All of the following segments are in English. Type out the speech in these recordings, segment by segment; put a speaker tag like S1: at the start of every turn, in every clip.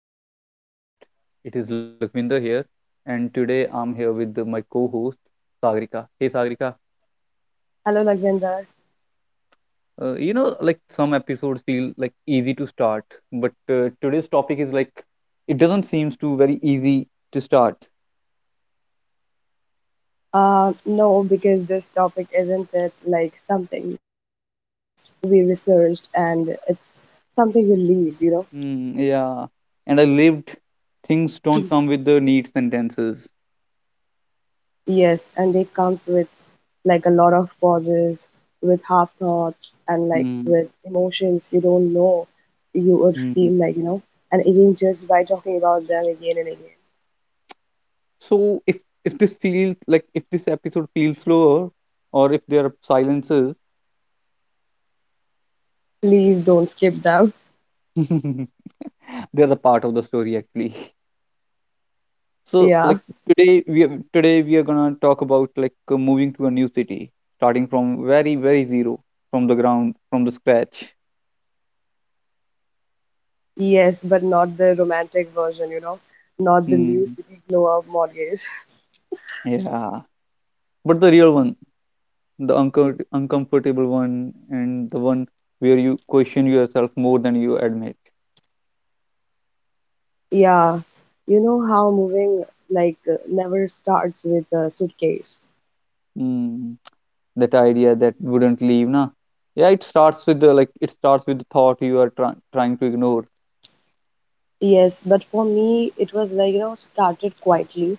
S1: welcome to the podcast. It is Lakwinder here, and today I'm here with my co-host Sagrika. Hey Sagrika,
S2: Hello, Nagvinder.
S1: like some episodes feel like easy to start, but today's topic is like it doesn't seems to very easy to start.
S2: No, because this topic isn't it like something we researched and it's something we lived, you know?
S1: Yeah, and I lived things don't come with the neat sentences.
S2: Yes, and it comes with like a lot of pauses, with half thoughts, and like
S1: Mm,
S2: with emotions you don't know you would
S1: mm.
S2: feel like, you know? And even just by talking about them again and again.
S1: So if if this feels like if this episode feels slower, or if there are silences.
S2: Please don't skip them.
S1: They're the part of the story actually. So
S2: Yeah,
S1: like today we are gonna talk about like moving to a new city, starting from very very zero, from the ground, from the scratch.
S2: yes, but not the romantic version, you know? Not the new
S1: Mm,
S2: city glow up mortgage.
S1: yeah, but the real one, the uncomfortable one, and the one where you question yourself more than you admit.
S2: Yeah, you know how moving like never starts with a suitcase.
S1: Mm, that idea that wouldn't leave, na? Yeah, it starts with the like it starts with the thought you are trying to ignore.
S2: Yes, but for me, it was like, you know, started quietly.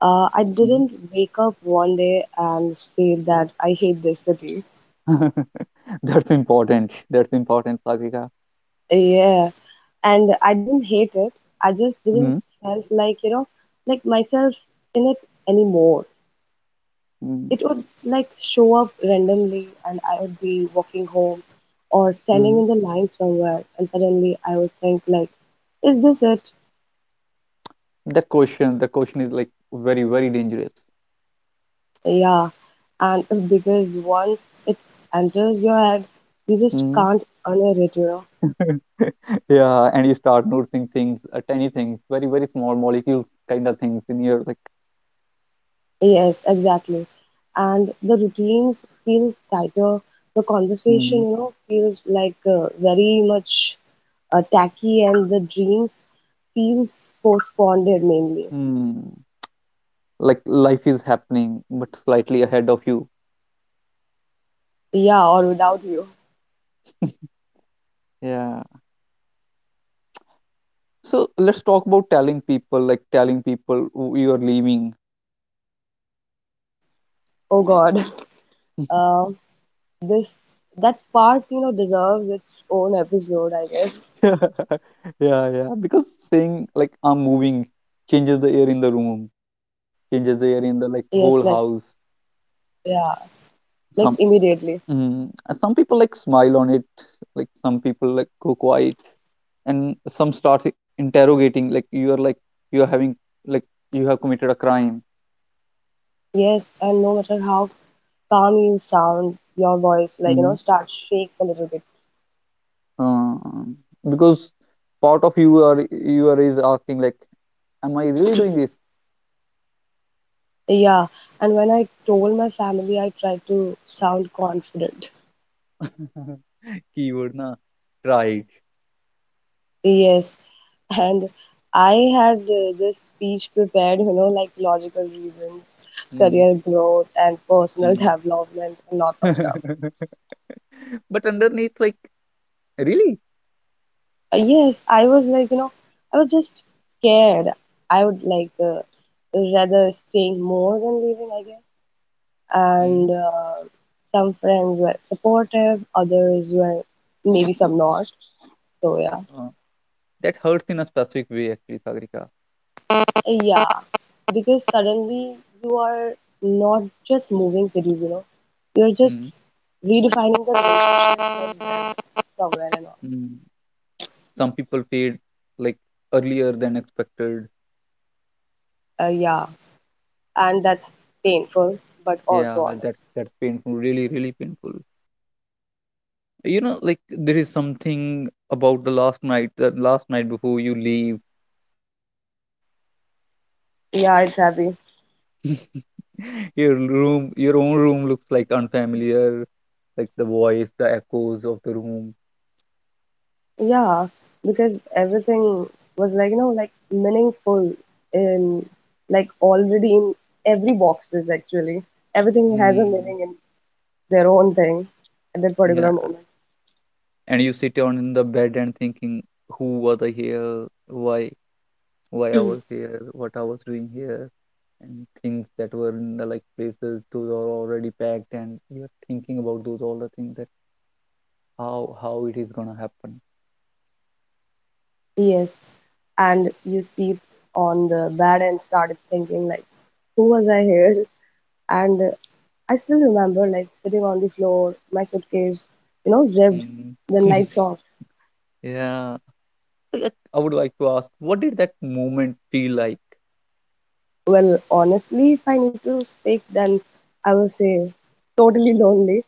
S2: I
S1: Mm.
S2: didn't wake up one day and say that I hate this city.
S1: That's important. That's important, Satvika.
S2: Yeah, and I didn't hate it. I just didn't
S1: Hmm,
S2: felt like, you know, like myself in it anymore.
S1: hmm,
S2: It would like show up randomly and I would be walking home or standing
S1: hmm.
S2: in the line somewhere and suddenly I would think like, is this it?
S1: That question, the question is like very, very dangerous.
S2: Yeah. And it's because once it enters your head, you just
S1: Hmm.
S2: can't unhear it, you know.
S1: Yeah, and you start noticing things, tiny things, very, very small molecules kind of things in your like,
S2: Yes, exactly. And the routines feels tighter. The conversation,
S1: mm,
S2: you know, feels like very much tacky and the dreams feels postponed mainly.
S1: mm, like life is happening, but slightly ahead of you.
S2: Yeah, or without you.
S1: Yeah. So let's talk about telling people, like telling people you are leaving.
S2: Oh God, uh, this that part you know deserves its own episode, I guess.
S1: Yeah, yeah, yeah. Because saying like I'm moving changes the air in the room. Changes
S2: Yes,
S1: there
S2: like
S1: in the like whole house.
S2: yeah, like
S1: Some
S2: immediately.
S1: mm, some people like smile on it, like some people like go quiet, and some start interrogating like you are having like you have committed a crime.
S2: Yes, and no matter how calm you sound, your voice like you
S1: Mm-hmm.
S2: know starts shakes a little bit.
S1: Because part of you are is asking like, am I really doing this?
S2: Yeah, and when I told my family, I tried to sound confident.
S1: Keyword na tried.
S2: Yes, and I had this speech prepared, you know, like logical reasons,
S1: Mm-hmm.
S2: career growth, and personal development, and lots of stuff.
S1: But underneath like really.
S2: Yes, I was like, you know, I was just scared. I would like rather staying more than leaving, I guess.
S1: Mm.
S2: And some friends were supportive, others were maybe some not. So yeah,
S1: That hurts in a specific way actually, Sagrika.
S2: yeah, because suddenly you are not just moving cities, you know, you're
S1: Mm.
S2: just redefining the relationships that you have somewhere and all.
S1: Mm. Some people paid like earlier than expected.
S2: Yeah, and that's painful, but
S1: yeah
S2: also
S1: that's
S2: honest.
S1: that's painful, really really painful. You know, like there is something about the last night, that last night before you leave.
S2: Yeah, it's heavy.
S1: Your room, your own room looks like unfamiliar, like the voice, the echoes of the room.
S2: Yeah, because everything was like, you know, like meaningful in like already in every boxes actually. Everything has a
S1: Hmm.
S2: meaning in their own thing at that
S1: Yeah,
S2: particular moment.
S1: and you sit down in the bed and thinking, who was I here, why why I was here, what I was doing here, and things that were in the, like places those are already packed, and you're thinking about those all the things that how it is gonna happen.
S2: Yes. And you see on the bad end started thinking like, who was I here? And I still remember like sitting on the floor, my suitcase, you know, zipped,
S1: Mm.
S2: then lights off.
S1: Yeah, I would like to ask, what did that moment feel like?
S2: Well, honestly, if I need to speak, then I will say totally lonely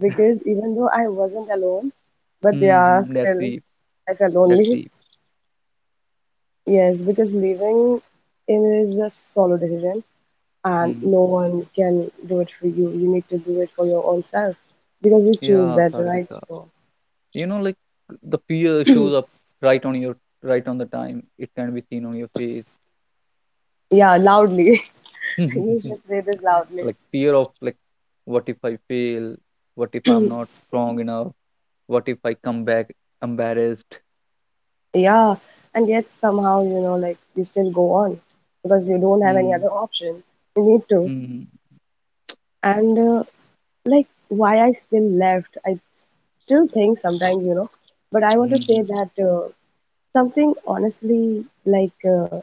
S2: because even though I wasn't alone, but yeah,
S1: Mm-hmm. That's
S2: still
S1: deep.
S2: I felt
S1: That's
S2: lonely.
S1: deep.
S2: Yes, because leaving is a solo decision and
S1: Hmm.
S2: no one can do it for you. You need to do it for your own self because you choose
S1: Yeah,
S2: that, right?
S1: Sagrika.
S2: So,
S1: You know, like the fear shows up right on your right on the time. It can be seen on your
S2: yeah, loudly.
S1: face.
S2: You should say this loudly.
S1: Like fear of like, what if I fail, what if I'm not strong enough, what if I come back embarrassed.
S2: Yeah, and yet somehow, you know, like you still go on because you don't have any
S1: Hmm,
S2: other option. You need to.
S1: hmm,
S2: And like why I still left. Still think sometimes, you know, but I want to
S1: hmm,
S2: say
S1: hmm,
S2: that something honestly like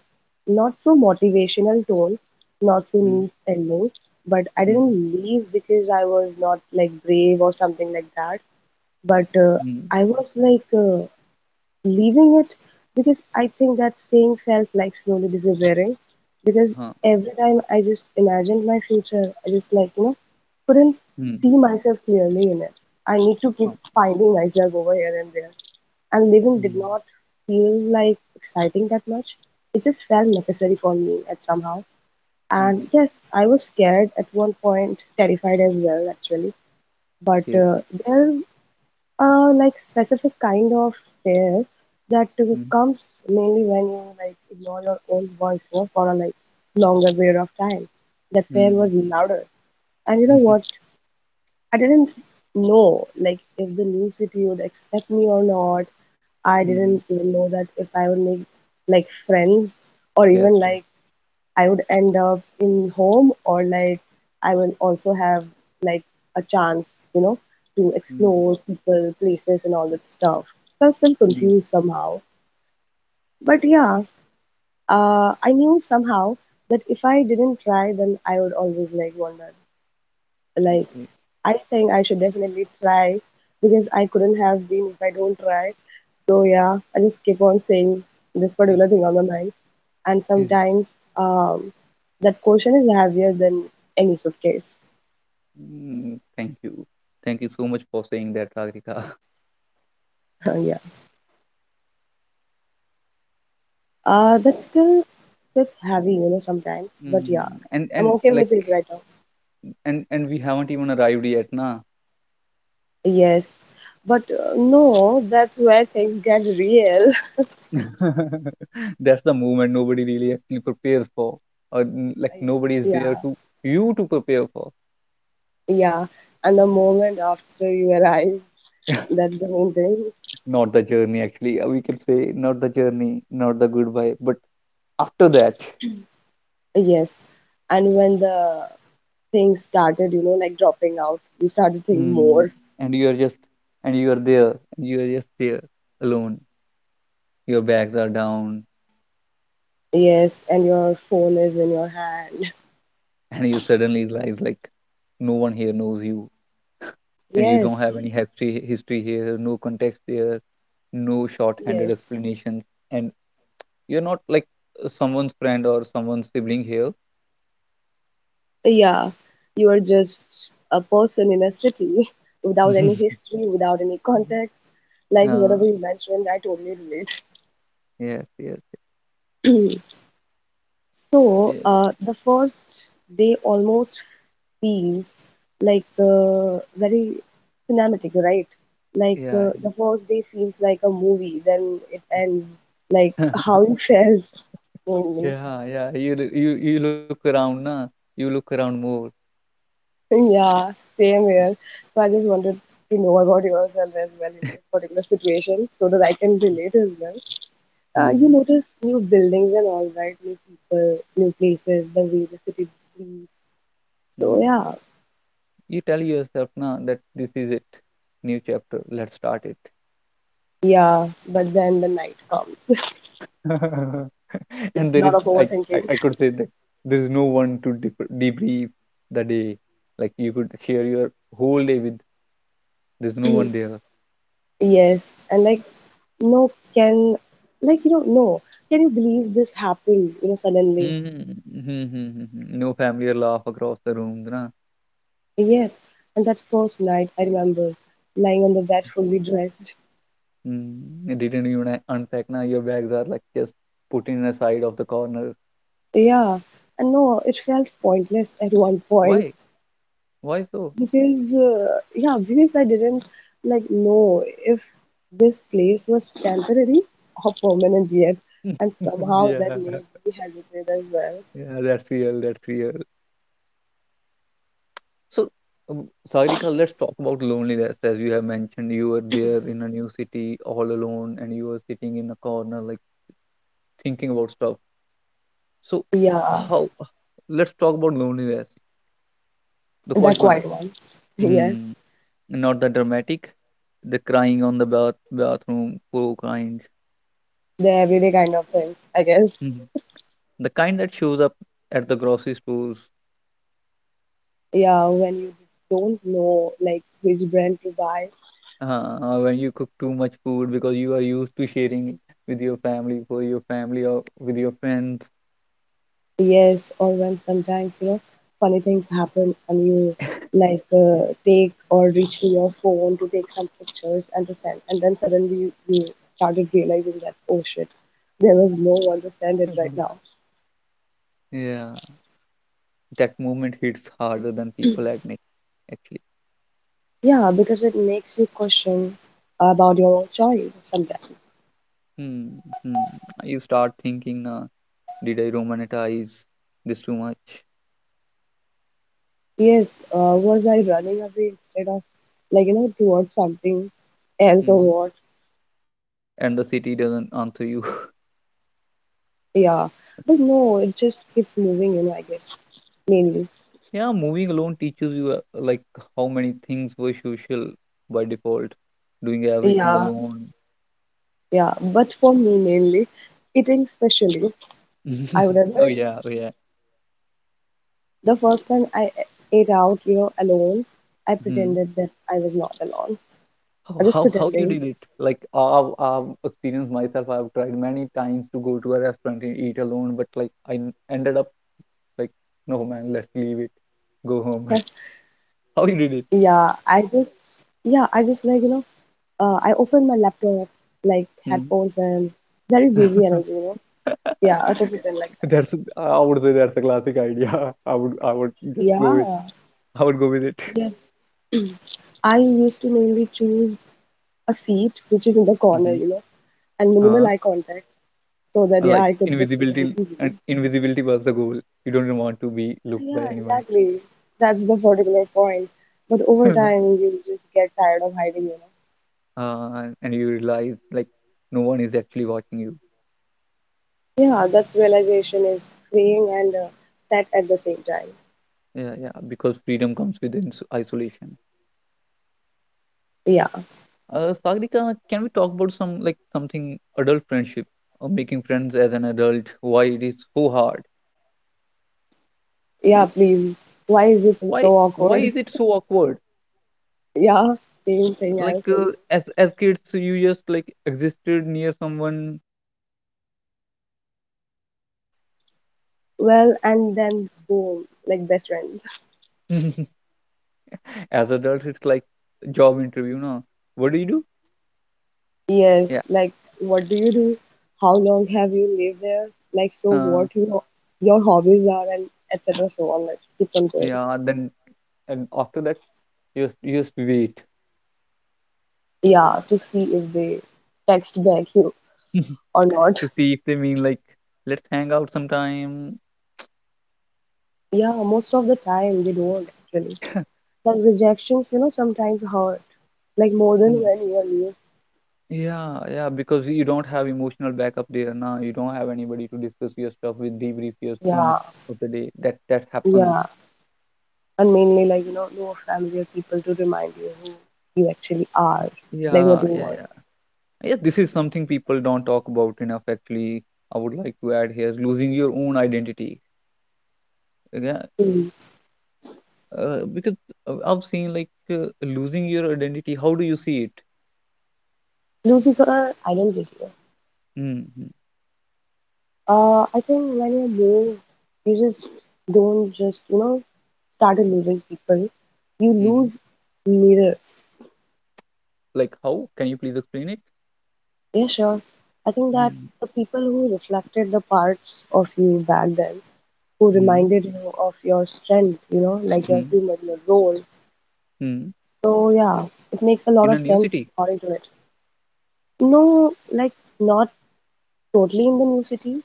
S2: not so motivational tone, not so
S1: hmm,
S2: neat ending, but I
S1: hmm,
S2: didn't leave because I was not like brave or something like that. But
S1: hmm,
S2: I was like leaving it because I think that staying felt like slowly disappearing. Because
S1: huh,
S2: every time I just imagined my future, I just like, you know, couldn't
S1: hmm,
S2: see myself clearly in it. I need to keep
S1: huh,
S2: finding myself over here and there. And living did
S1: hmm,
S2: not feel like exciting that much. It just felt necessary for me at somehow.
S1: hmm,
S2: And yes, I was scared at one point, terrified as well, actually. But
S1: okay,
S2: there like specific kind of fear that
S1: hmm,
S2: comes mainly when you like ignore your own voice, you know, for a like longer period of time. That fear
S1: hmm,
S2: was
S1: hmm,
S2: louder. And you know
S1: hmm,
S2: what? I didn't know like if the new city would accept me or not. I
S1: hmm,
S2: didn't even know that if I would make like friends or
S1: yes,
S2: even
S1: yes,
S2: like I would end up in home or like I will also have like a chance, you know, to
S1: hmm,
S2: explore people, places, and all that stuff. So I'm still
S1: hmm,
S2: confused somehow. But yeah, I knew somehow that if I didn't try, then I would always like wonder. Like
S1: okay.
S2: I think I should definitely try because I couldn't have been if I don't try. So yeah, I just keep on saying this particular thing on my mind and sometimes that quotient is heavier than any suitcase.
S1: Hmm, thank you, thank you so much for saying that, Sagrika.
S2: Yeah, that still sits heavy, you know, sometimes. But yeah,
S1: Hmm,
S2: I'm
S1: and
S2: okay with it
S1: like
S2: right now.
S1: and we haven't even arrived yet, na?
S2: Yes, but no, that's where things get real.
S1: That's the moment nobody really actually prepares for, or like
S2: I-
S1: nobody is there
S2: yeah,
S1: to you to prepare for.
S2: yeah, and the moment after you arrive, that's the main thing.
S1: Not the journey, actually. We can say not the journey, not the goodbye, but after that,
S2: Yes, and when the things started, you know, like dropping out, you started to think
S1: hmm,
S2: more.
S1: and you are just and you are there, and you are just there alone. Your bags are down,
S2: Yes, and your phone is in your hand.
S1: and you suddenly realize like no one here knows you, and you don't
S2: Yes,
S1: have any history here, no context here, no short-handed
S2: yes.
S1: explanations, and you're not like someone's friend or someone's sibling here.
S2: Yeah. You are just a person in a city without any history, without any context. Like
S1: Uh,
S2: whatever you mentioned, I totally relate.
S1: yes, yes,
S2: So,
S1: yes,
S2: the first day almost feels like very cinematic, right? Like
S1: yeah,
S2: the first day feels like a movie, then it ends like how you felt.
S1: yeah, yeah. You you look around, na. You look around more.
S2: Yeah, same here. So I just wanted to know about yourself as well in this particular situation so that I can relate as well. You
S1: Hmm.
S2: notice new buildings and all, right? New people, new places, the way the city breathes. So
S1: Hmm.
S2: yeah,
S1: You tell yourself, na, that this is it. New chapter. Let's start it.
S2: yeah, but then the night comes with
S1: And
S2: a
S1: there
S2: lot
S1: is,
S2: of overthinking.
S1: I could say that there is no one to debrief the day. Like you could share your whole day with. There's no one there.
S2: Yes, and like, no, can, like, you know, no, can you believe this happened, you know, suddenly?
S1: Mhm. Mhm, mhm, mhm. No family or laugh across the room, na?
S2: Yes, and that first night, I remember lying on the bed fully dressed.
S1: Mm. You didn't even unpack, na? Your bags are like just put in a side of the corner.
S2: Yeah, and no, it felt pointless at one point
S1: Why? Why so?
S2: because, yeah, because I didn't like know if this place was temporary or permanent yet, and somehow that
S1: Yeah,
S2: made me hesitate as well.
S1: yeah, that's real. That's real. So, Sagrika, let's talk about loneliness. As you have mentioned, you were there in a new city all alone, and you were sitting in a corner, like thinking about stuff. So,
S2: Yeah,
S1: how? Let's talk about loneliness, the
S2: that
S1: quiet one.
S2: quiet one. Yeah,
S1: Mm. Not the dramatic, the crying on the bathroom floor kind.
S2: the everyday kind of thing, I guess.
S1: Mhm. The kind that shows up at the grocery stores,
S2: Yeah, when you don't know like which brand to buy.
S1: when you cook too much food because you are used to sharing with your family, for your family or with your friends.
S2: Yes, or when sometimes, you know, funny things happen and you like take or reach to your phone to take some pictures and to send, and then suddenly you started realizing that, oh shit, there was no one to send it right now.
S1: Mhm. Yeah, that moment hits harder than people admit, actually.
S2: Yeah, because it makes you question about your own choice sometimes.
S1: Hmm, hmm. You start thinking, did I romanticize this too much?
S2: Yes, was I running away instead of like, you know, towards something else or
S1: Hmm.
S2: what?
S1: And the city doesn't answer you.
S2: Yeah, but no, it just keeps moving, you know, I guess, mainly.
S1: Yeah, moving alone teaches you like how many things were social by default. Doing everything
S2: Yeah.
S1: alone.
S2: Yeah, but for me mainly, eating specially, I remember
S1: Oh
S2: it,
S1: yeah, oh yeah.
S2: the first time ate out, you know, alone, I
S1: Hmm.
S2: pretended that I was not alone.
S1: How
S2: I was
S1: how how you
S2: pretending.
S1: did it? Like I've experienced myself. I've tried many times to go to a restaurant and eat alone, but like ended up like, no man, let's leave it, go home. How you did it?
S2: Yeah, I just, yeah, I just like, you know, I opened my laptop, like
S1: Hmm.
S2: headphones and very busy energy, you know. Yeah, I took it in like that.
S1: That's, I would say that's a classic idea. I would just go with,
S2: Yeah,
S1: I would go with it.
S2: yes. I used to mainly choose a seat which is in the corner,
S1: Mm-hmm.
S2: you know, and minimal eye contact so that,
S1: And
S2: yeah,
S1: like
S2: I could just pretend
S1: invisibility,
S2: easily.
S1: and invisibility was the goal. You don't want to be looked by
S2: Yeah,
S1: anyone.
S2: exactly. That's the particular point. But over
S1: Uh,
S2: time, you just get tired of hiding, you know.
S1: and you realize like no one is actually watching you.
S2: Yeah, that's realization is freeing and sad at the same time.
S1: Yeah, yeah, because freedom comes with isolation.
S2: Yeah,
S1: Sagrika, can we talk about some like something adult friendship or making friends as an adult? Why it is so hard?
S2: yeah, please. Why is it so
S1: Why
S2: awkward?
S1: is it so awkward?
S2: yeah, same thing I
S1: Like
S2: was thinking.
S1: as kids, you just like existed near someone.
S2: Well, and then boom, like best friends.
S1: As adults, it's like job interview, no? What do you do? Yeah,
S2: yes, like what do you do? How long have you lived there? Like so
S1: uh,
S2: what you know, your hobbies are and etc. So on, like keeps on going.
S1: yeah. Then and after that, you just wait
S2: Yeah, to see if they text back you or not.
S1: to see if they mean like let's hang out sometime.
S2: Yeah, most of the time they don't actually, like rejections you know sometimes hurt like more than
S1: Mm,
S2: when you are new.
S1: yeah, yeah. Because you don't have emotional backup there now. You don't have anybody to discuss your stuff with, debrief your things
S2: Yeah,
S1: of the day. That that happens.
S2: yeah, and mainly like you know no familiar people to remind you who you actually are, like what
S1: Yeah,
S2: you
S1: yeah,
S2: want.
S1: yeah. Yeah, this is something people don't talk about enough. Actually, I would like to add here: losing your own identity. Yeah,
S2: Mm.
S1: because I've seen like losing your identity. How do you see it?
S2: Losing your identity.
S1: Mm.
S2: I think when you move you just don't just you know started losing people, you
S1: Mm.
S2: lose mirrors.
S1: Like how? Can you please explain it?
S2: Yeah, sure. I think that
S1: Mm,
S2: the people who reflected the parts of you back then, who
S1: hmm.
S2: reminded you of your strength, you know, like your
S1: Mm.
S2: humor, your role.
S1: Hmm.
S2: So yeah, it makes a lot
S1: In a
S2: of
S1: new
S2: sense
S1: city?
S2: according to it. No, like not totally in the new city,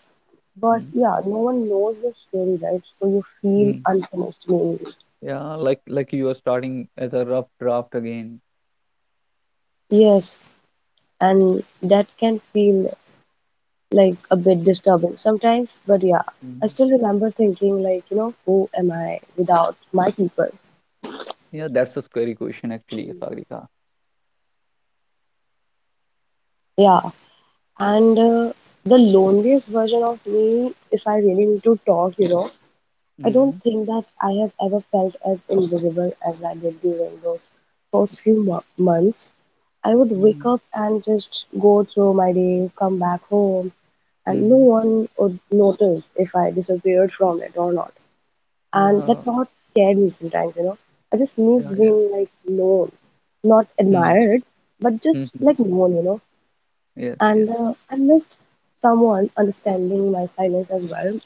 S2: but
S1: Mm,
S2: yeah, no one knows your story, right? So you feel
S1: hmm.
S2: unfinished maybe.
S1: Yeah, like you are starting as a rough draft again.
S2: Yes, and that can feel like a bit disturbing sometimes, but yeah. I
S1: Mm,
S2: still remember thinking, like, you know, who am I without my people?
S1: yeah, that's a scary question actually, Sagrika.
S2: Yeah, and the loneliest version of me, if I really need to talk, you know, I don't
S1: Mm,
S2: think that I have ever felt as invisible as I did during those first few months. I would wake
S1: mm.
S2: up and just go through my day, come back home, and no
S1: Mm.
S2: one would notice if I disappeared from it or not. And that
S1: Yeah,
S2: thought scared me sometimes, you know. I just
S1: yeah,
S2: missed
S1: yeah.
S2: being like known, not
S1: Mm.
S2: admired, but
S1: Mm.
S2: just like known.
S1: Yes,
S2: And
S1: yes.
S2: I missed someone understanding my silence as well,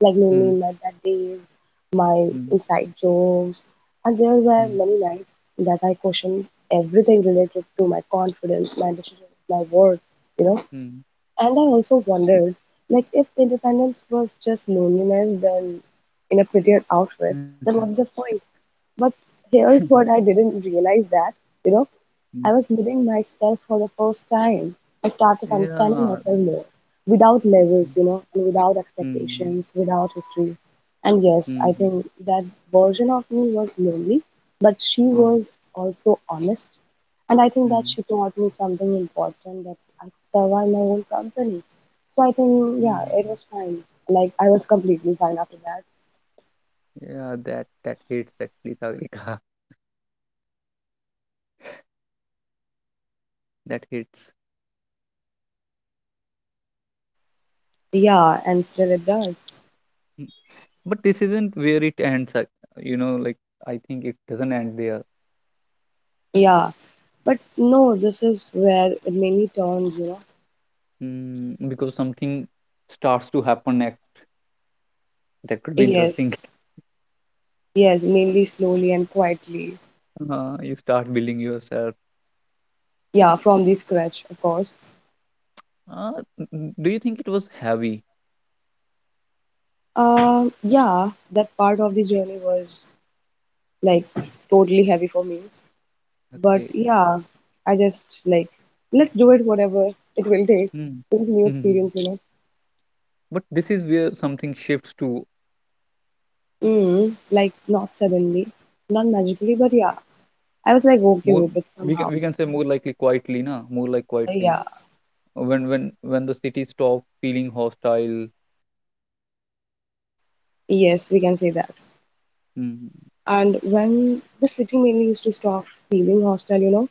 S2: like mainly
S1: Mm.
S2: my bad days, my
S1: Mm.
S2: inside jokes, and there were
S1: Mm.
S2: many nights that I questioned everything related to my confidence, my decisions, my worth, you know.
S1: Mm.
S2: And I also wondered, like, if independence was just loneliness, then in a prettier outfit, then what's the point? But here's what I didn't realize that, you know,
S1: Mm.
S2: I was living myself for the first time. I started understanding
S1: Yeah.
S2: myself more without
S1: Mm.
S2: labels, you know, and without
S1: Mm.
S2: expectations, without history. And yes, I
S1: Mm.
S2: think that version of me was lonely, but she
S1: Mm.
S2: was also honest. And I think that she taught me something important that I could survive my own company. So I think, yeah, it
S1: Mm.
S2: was fine. Like, I was completely fine after that.
S1: Yeah, that that hits actually, Sagrika. That hits.
S2: Yeah, and still it does.
S1: Mm. But this isn't where it ends, you know, like I think it doesn't end there.
S2: Yeah. But no, this is where it mainly turns, you know.
S1: Mm, because something starts to happen next that could be
S2: Yes,
S1: interesting.
S2: yes, mainly slowly and quietly.
S1: Uh, you start building yourself.
S2: Yeah, from the scratch, of course.
S1: uh, do you think it was heavy?
S2: Yeah, that part of the journey was like totally heavy for me. But
S1: Okay.
S2: yeah, I just like let's do it whatever it will take.
S1: Mm.
S2: It's a new
S1: Mm.
S2: experience, you know.
S1: But this is where something shifts to
S2: Mm, like not suddenly, not magically, but yeah, I was like okay
S1: more,
S2: with it
S1: we can
S2: somehow.
S1: say more likely quietly, na, more like quietly,
S2: Yeah,
S1: when when when the city stopped feeling hostile.
S2: yes, we can say that.
S1: Mm,
S2: And when the city mainly used to stop feeling hostile, you know,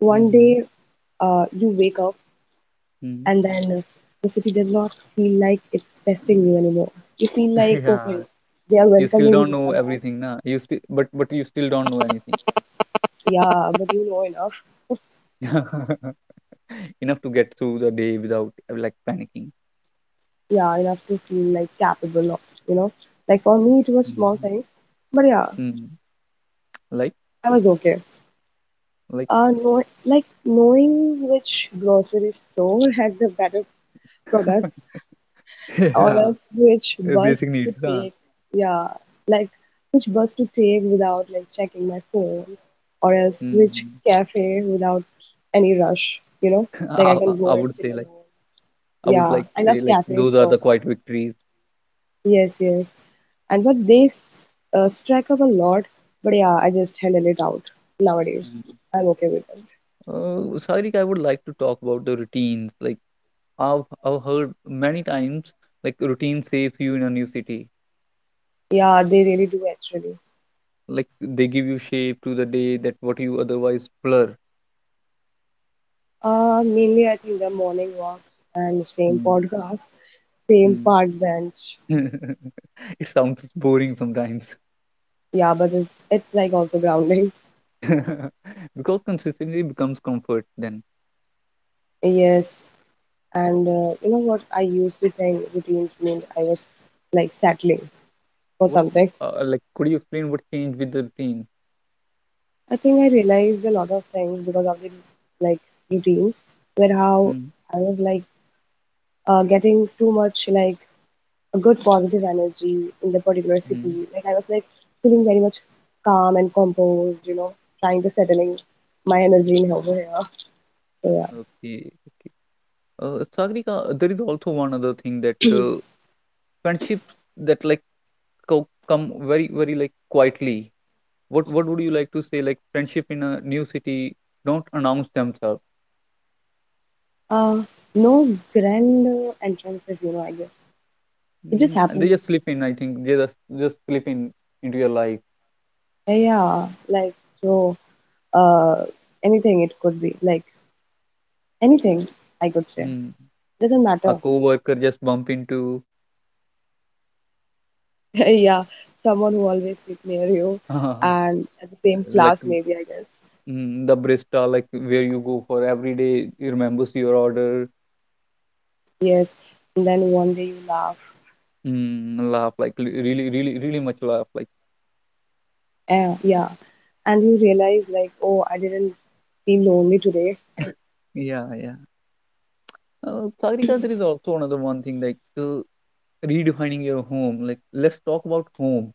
S2: one
S1: mm-hmm.
S2: day you wake up,
S1: Mm-hmm.
S2: and then the city does not feel like it's testing you anymore. You feel like, okay,
S1: Yeah.
S2: they are
S1: You still
S2: welcoming
S1: don't
S2: you
S1: know
S2: somehow.
S1: everything, na, you still don't know anything.
S2: Yeah, but you know enough.
S1: Enough to get through the day without like panicking.
S2: Yeah, enough to feel like capable of, you know. Like for me, it was small
S1: Mm.
S2: things, but yeah,
S1: Mm. like
S2: I was okay.
S1: like
S2: Know, like knowing which grocery store has the better products, or
S1: yeah.
S2: else which
S1: Basic
S2: bus to
S1: needs, huh?
S2: take. Yeah, like which bus to take without like checking my phone, or else which
S1: Mm.
S2: cafe without any rush, you know? Like I can
S1: I
S2: go and
S1: would
S2: sit
S1: say like
S2: alone.
S1: I would
S2: Yeah,
S1: like
S2: I love
S1: say like
S2: cafes,
S1: those are the
S2: so
S1: quiet victories.
S2: yes, yes. And but they strike up a lot, but yeah, I just handle it out nowadays.
S1: Mm.
S2: I'm okay with it.
S1: Uh, Sairik, I would like to talk about the routines. Like I've heard many times like routine saves you in a new city,
S2: Yeah, they really do actually.
S1: like they give you shape to the day that what you otherwise blur.
S2: Mainly I think the morning walks and same
S1: Mm,
S2: podcast, same
S1: mm.
S2: park bench.
S1: It sounds boring sometimes.
S2: Yeah, but it's like also grounding.
S1: Because consistency becomes comfort. Then
S2: Yes, and you know what? I used to think routines meant I was like settling for
S1: what?
S2: something.
S1: Like, could you explain what changed with the routine?
S2: I think I realized a lot of things because of the like routines, where how I was like getting too much like a good positive energy in the particular
S1: Mm-hmm.
S2: city. Like I was like feeling very much calm and composed. You know, trying to settling my energy in over here. So yeah,
S1: Okay. Sagrika, there is also one other thing that friendships that like come very very like quietly. What would you like to say? Like friendship in a new city don't announce themselves.
S2: uh, no grand entrances. You know, I guess it just
S1: Mm, and they
S2: happens.
S1: just slip in. I think they just slip in into your life.
S2: Yeah, yeah. Like, so, uh, anything it could be. Like, anything I could say.
S1: Hmm.
S2: Doesn't
S1: A
S2: matter.
S1: co-worker just bump into
S2: Yeah, someone who always sit near you and
S1: like
S2: at the same class, maybe, I guess.
S1: mm, the barista like where you go for every day he remembers your order.
S2: Yes. And then one day you laugh.
S1: Mm, laugh like really really really much laugh like
S2: Yeah, yeah. And you realize, like, oh, I didn't feel lonely today.
S1: yeah yeah. Uh, Sagrika, there is also another one thing like redefining your home. Like let's talk about home.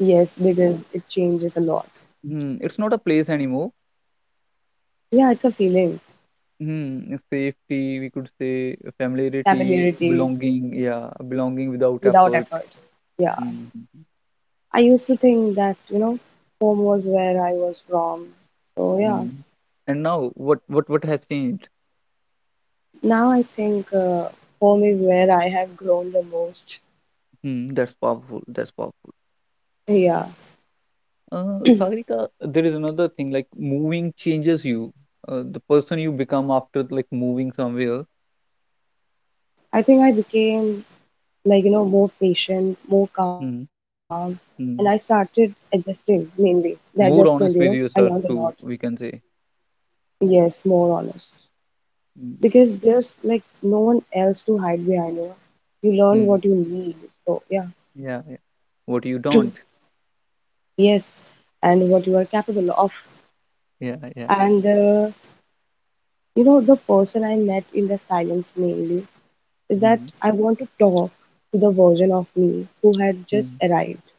S2: Yes, because it changes a lot.
S1: Mm, it's not a place anymore.
S2: Yeah, it's a feeling.
S1: Mm, safety we could say, familiarity,
S2: Familiarity
S1: belonging, yeah, belonging without
S2: without
S1: effort.
S2: effort. Yeah.
S1: Mm,
S2: I used to think that, you know, home was where I was from. So yeah,
S1: mm. And now what has changed?
S2: now I think home is where I have grown the most.
S1: Hmm, that's powerful. That's powerful.
S2: Yeah,
S1: Sagrika, there is another thing like moving changes you, the person you become after like moving somewhere.
S2: I think I became like, you know, more patient, more calm,
S1: Hmm,
S2: and I started
S1: hmm.
S2: adjusting mainly. The adjustment, you know,
S1: More
S2: I
S1: honest
S2: learned
S1: with
S2: a lot.
S1: yourself too, we can say.
S2: Yes, more honest.
S1: Hmm,
S2: Because there's like no one else to hide behind, you know. You learn
S1: hmm.
S2: what you need. So yeah,
S1: Yeah, yeah. What you don't.
S2: yes, and what you are capable of.
S1: Yeah, yeah.
S2: And you know, the person I met in the silence mainly is that
S1: Hmm,
S2: I want to talk to the version of me who had just
S1: hmm.
S2: arrived.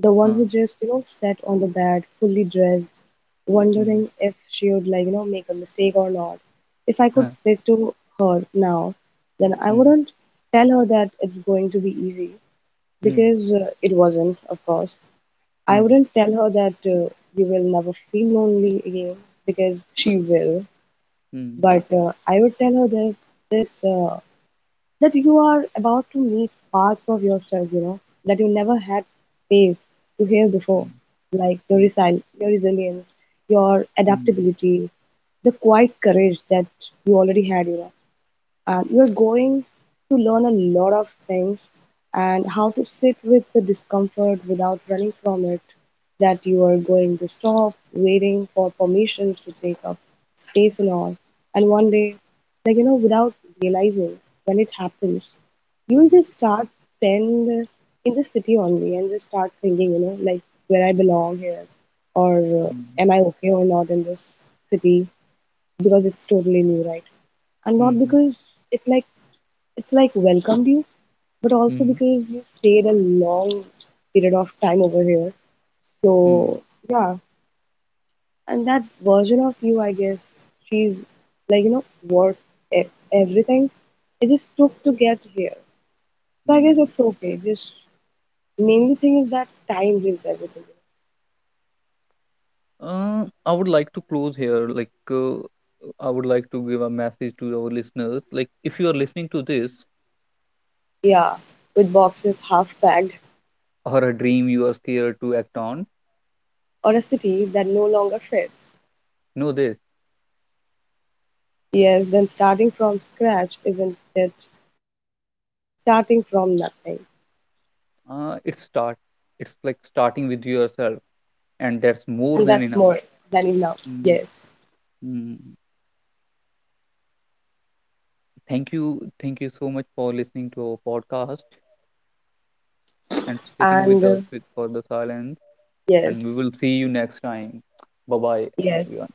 S2: The one
S1: Huh,
S2: who just, you know, sat on the bed, fully dressed,
S1: hmm,
S2: wondering if she would, like, you know, make a mistake or not. If I
S1: huh,
S2: could speak to her now, then I
S1: hmm,
S2: wouldn't tell her that it's going to be easy
S1: hmm,
S2: because it wasn't, of course. I
S1: hmm,
S2: wouldn't tell her that you will never feel lonely again because she will.
S1: hmm,
S2: But I would tell her that this that you are about to meet parts of yourself, you know, that you never had space to heal
S1: hmm,
S2: before, like your resilience, your
S1: hmm, hmm,
S2: adaptability, the quiet courage that you already had, you know. You're going to learn a lot of things, and how to sit with the discomfort without running from it, that you are going to stop waiting for permissions to take up space and all. And one day, like, you know, without realizing when it happens, you will
S1: hmm,
S2: just start stand in the city only and just start thinking, you know, like where I belong here, or
S1: hmm,
S2: am I okay or not in this city because it's totally new, right? And
S1: hmm,
S2: not
S1: hmm,
S2: because it like it's like welcomed you, but also
S1: hmm,
S2: because you stayed a long period of time over here.
S1: hmm.
S2: So yeah, and that version of you, I guess, she's like you know worth e- everything. It just took to get here. So I guess
S1: Hmm.
S2: it's okay. Just main thing is that time brings everything.
S1: I would like to close here. Like, I would like to give a message to our listeners. Like, if you are listening to this,
S2: Yeah, with boxes half packed
S1: or a dream you are scared to act on,
S2: or a city that no longer fits.
S1: know this.
S2: Yes, then starting from scratch, isn't it? Starting from nothing.
S1: Uh, it start. It's like starting with yourself, and that's
S2: And
S1: more
S2: that's
S1: than
S2: more
S1: enough.
S2: than enough.
S1: Mm,
S2: Yes,
S1: mm. Thank you so much for listening to our podcast and sitting
S2: and
S1: with us with for the silence. And
S2: yes,
S1: we will see you next time. Bye bye,
S2: yes,
S1: everyone.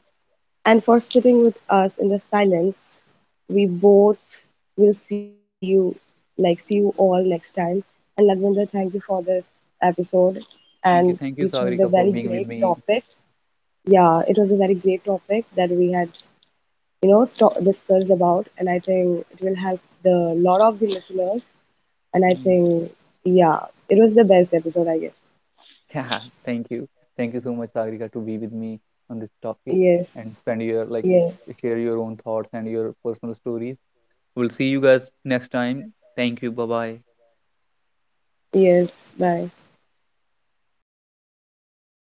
S2: and for sitting with us in the silence, we both will see you, like see you all next time. And Lagvinder, thank you for this episode, and
S1: Thank
S2: you
S1: you,
S2: chose a
S1: Sagrika,
S2: very
S1: for being
S2: great
S1: with me.
S2: topic. Yeah, it was a very great topic that we had, you know, discussed about, and I think it will help the lot of the listeners. And I
S1: Mm.
S2: think, yeah, it was the best episode, I guess.
S1: Yeah, thank you. Thank you so much, Sagrika, to be with me on this topic
S2: Yes,
S1: and spend your like
S2: yes.
S1: share your own thoughts and your personal stories. We'll see you guys next time. Thank you. Bye bye.
S2: Yes, bye.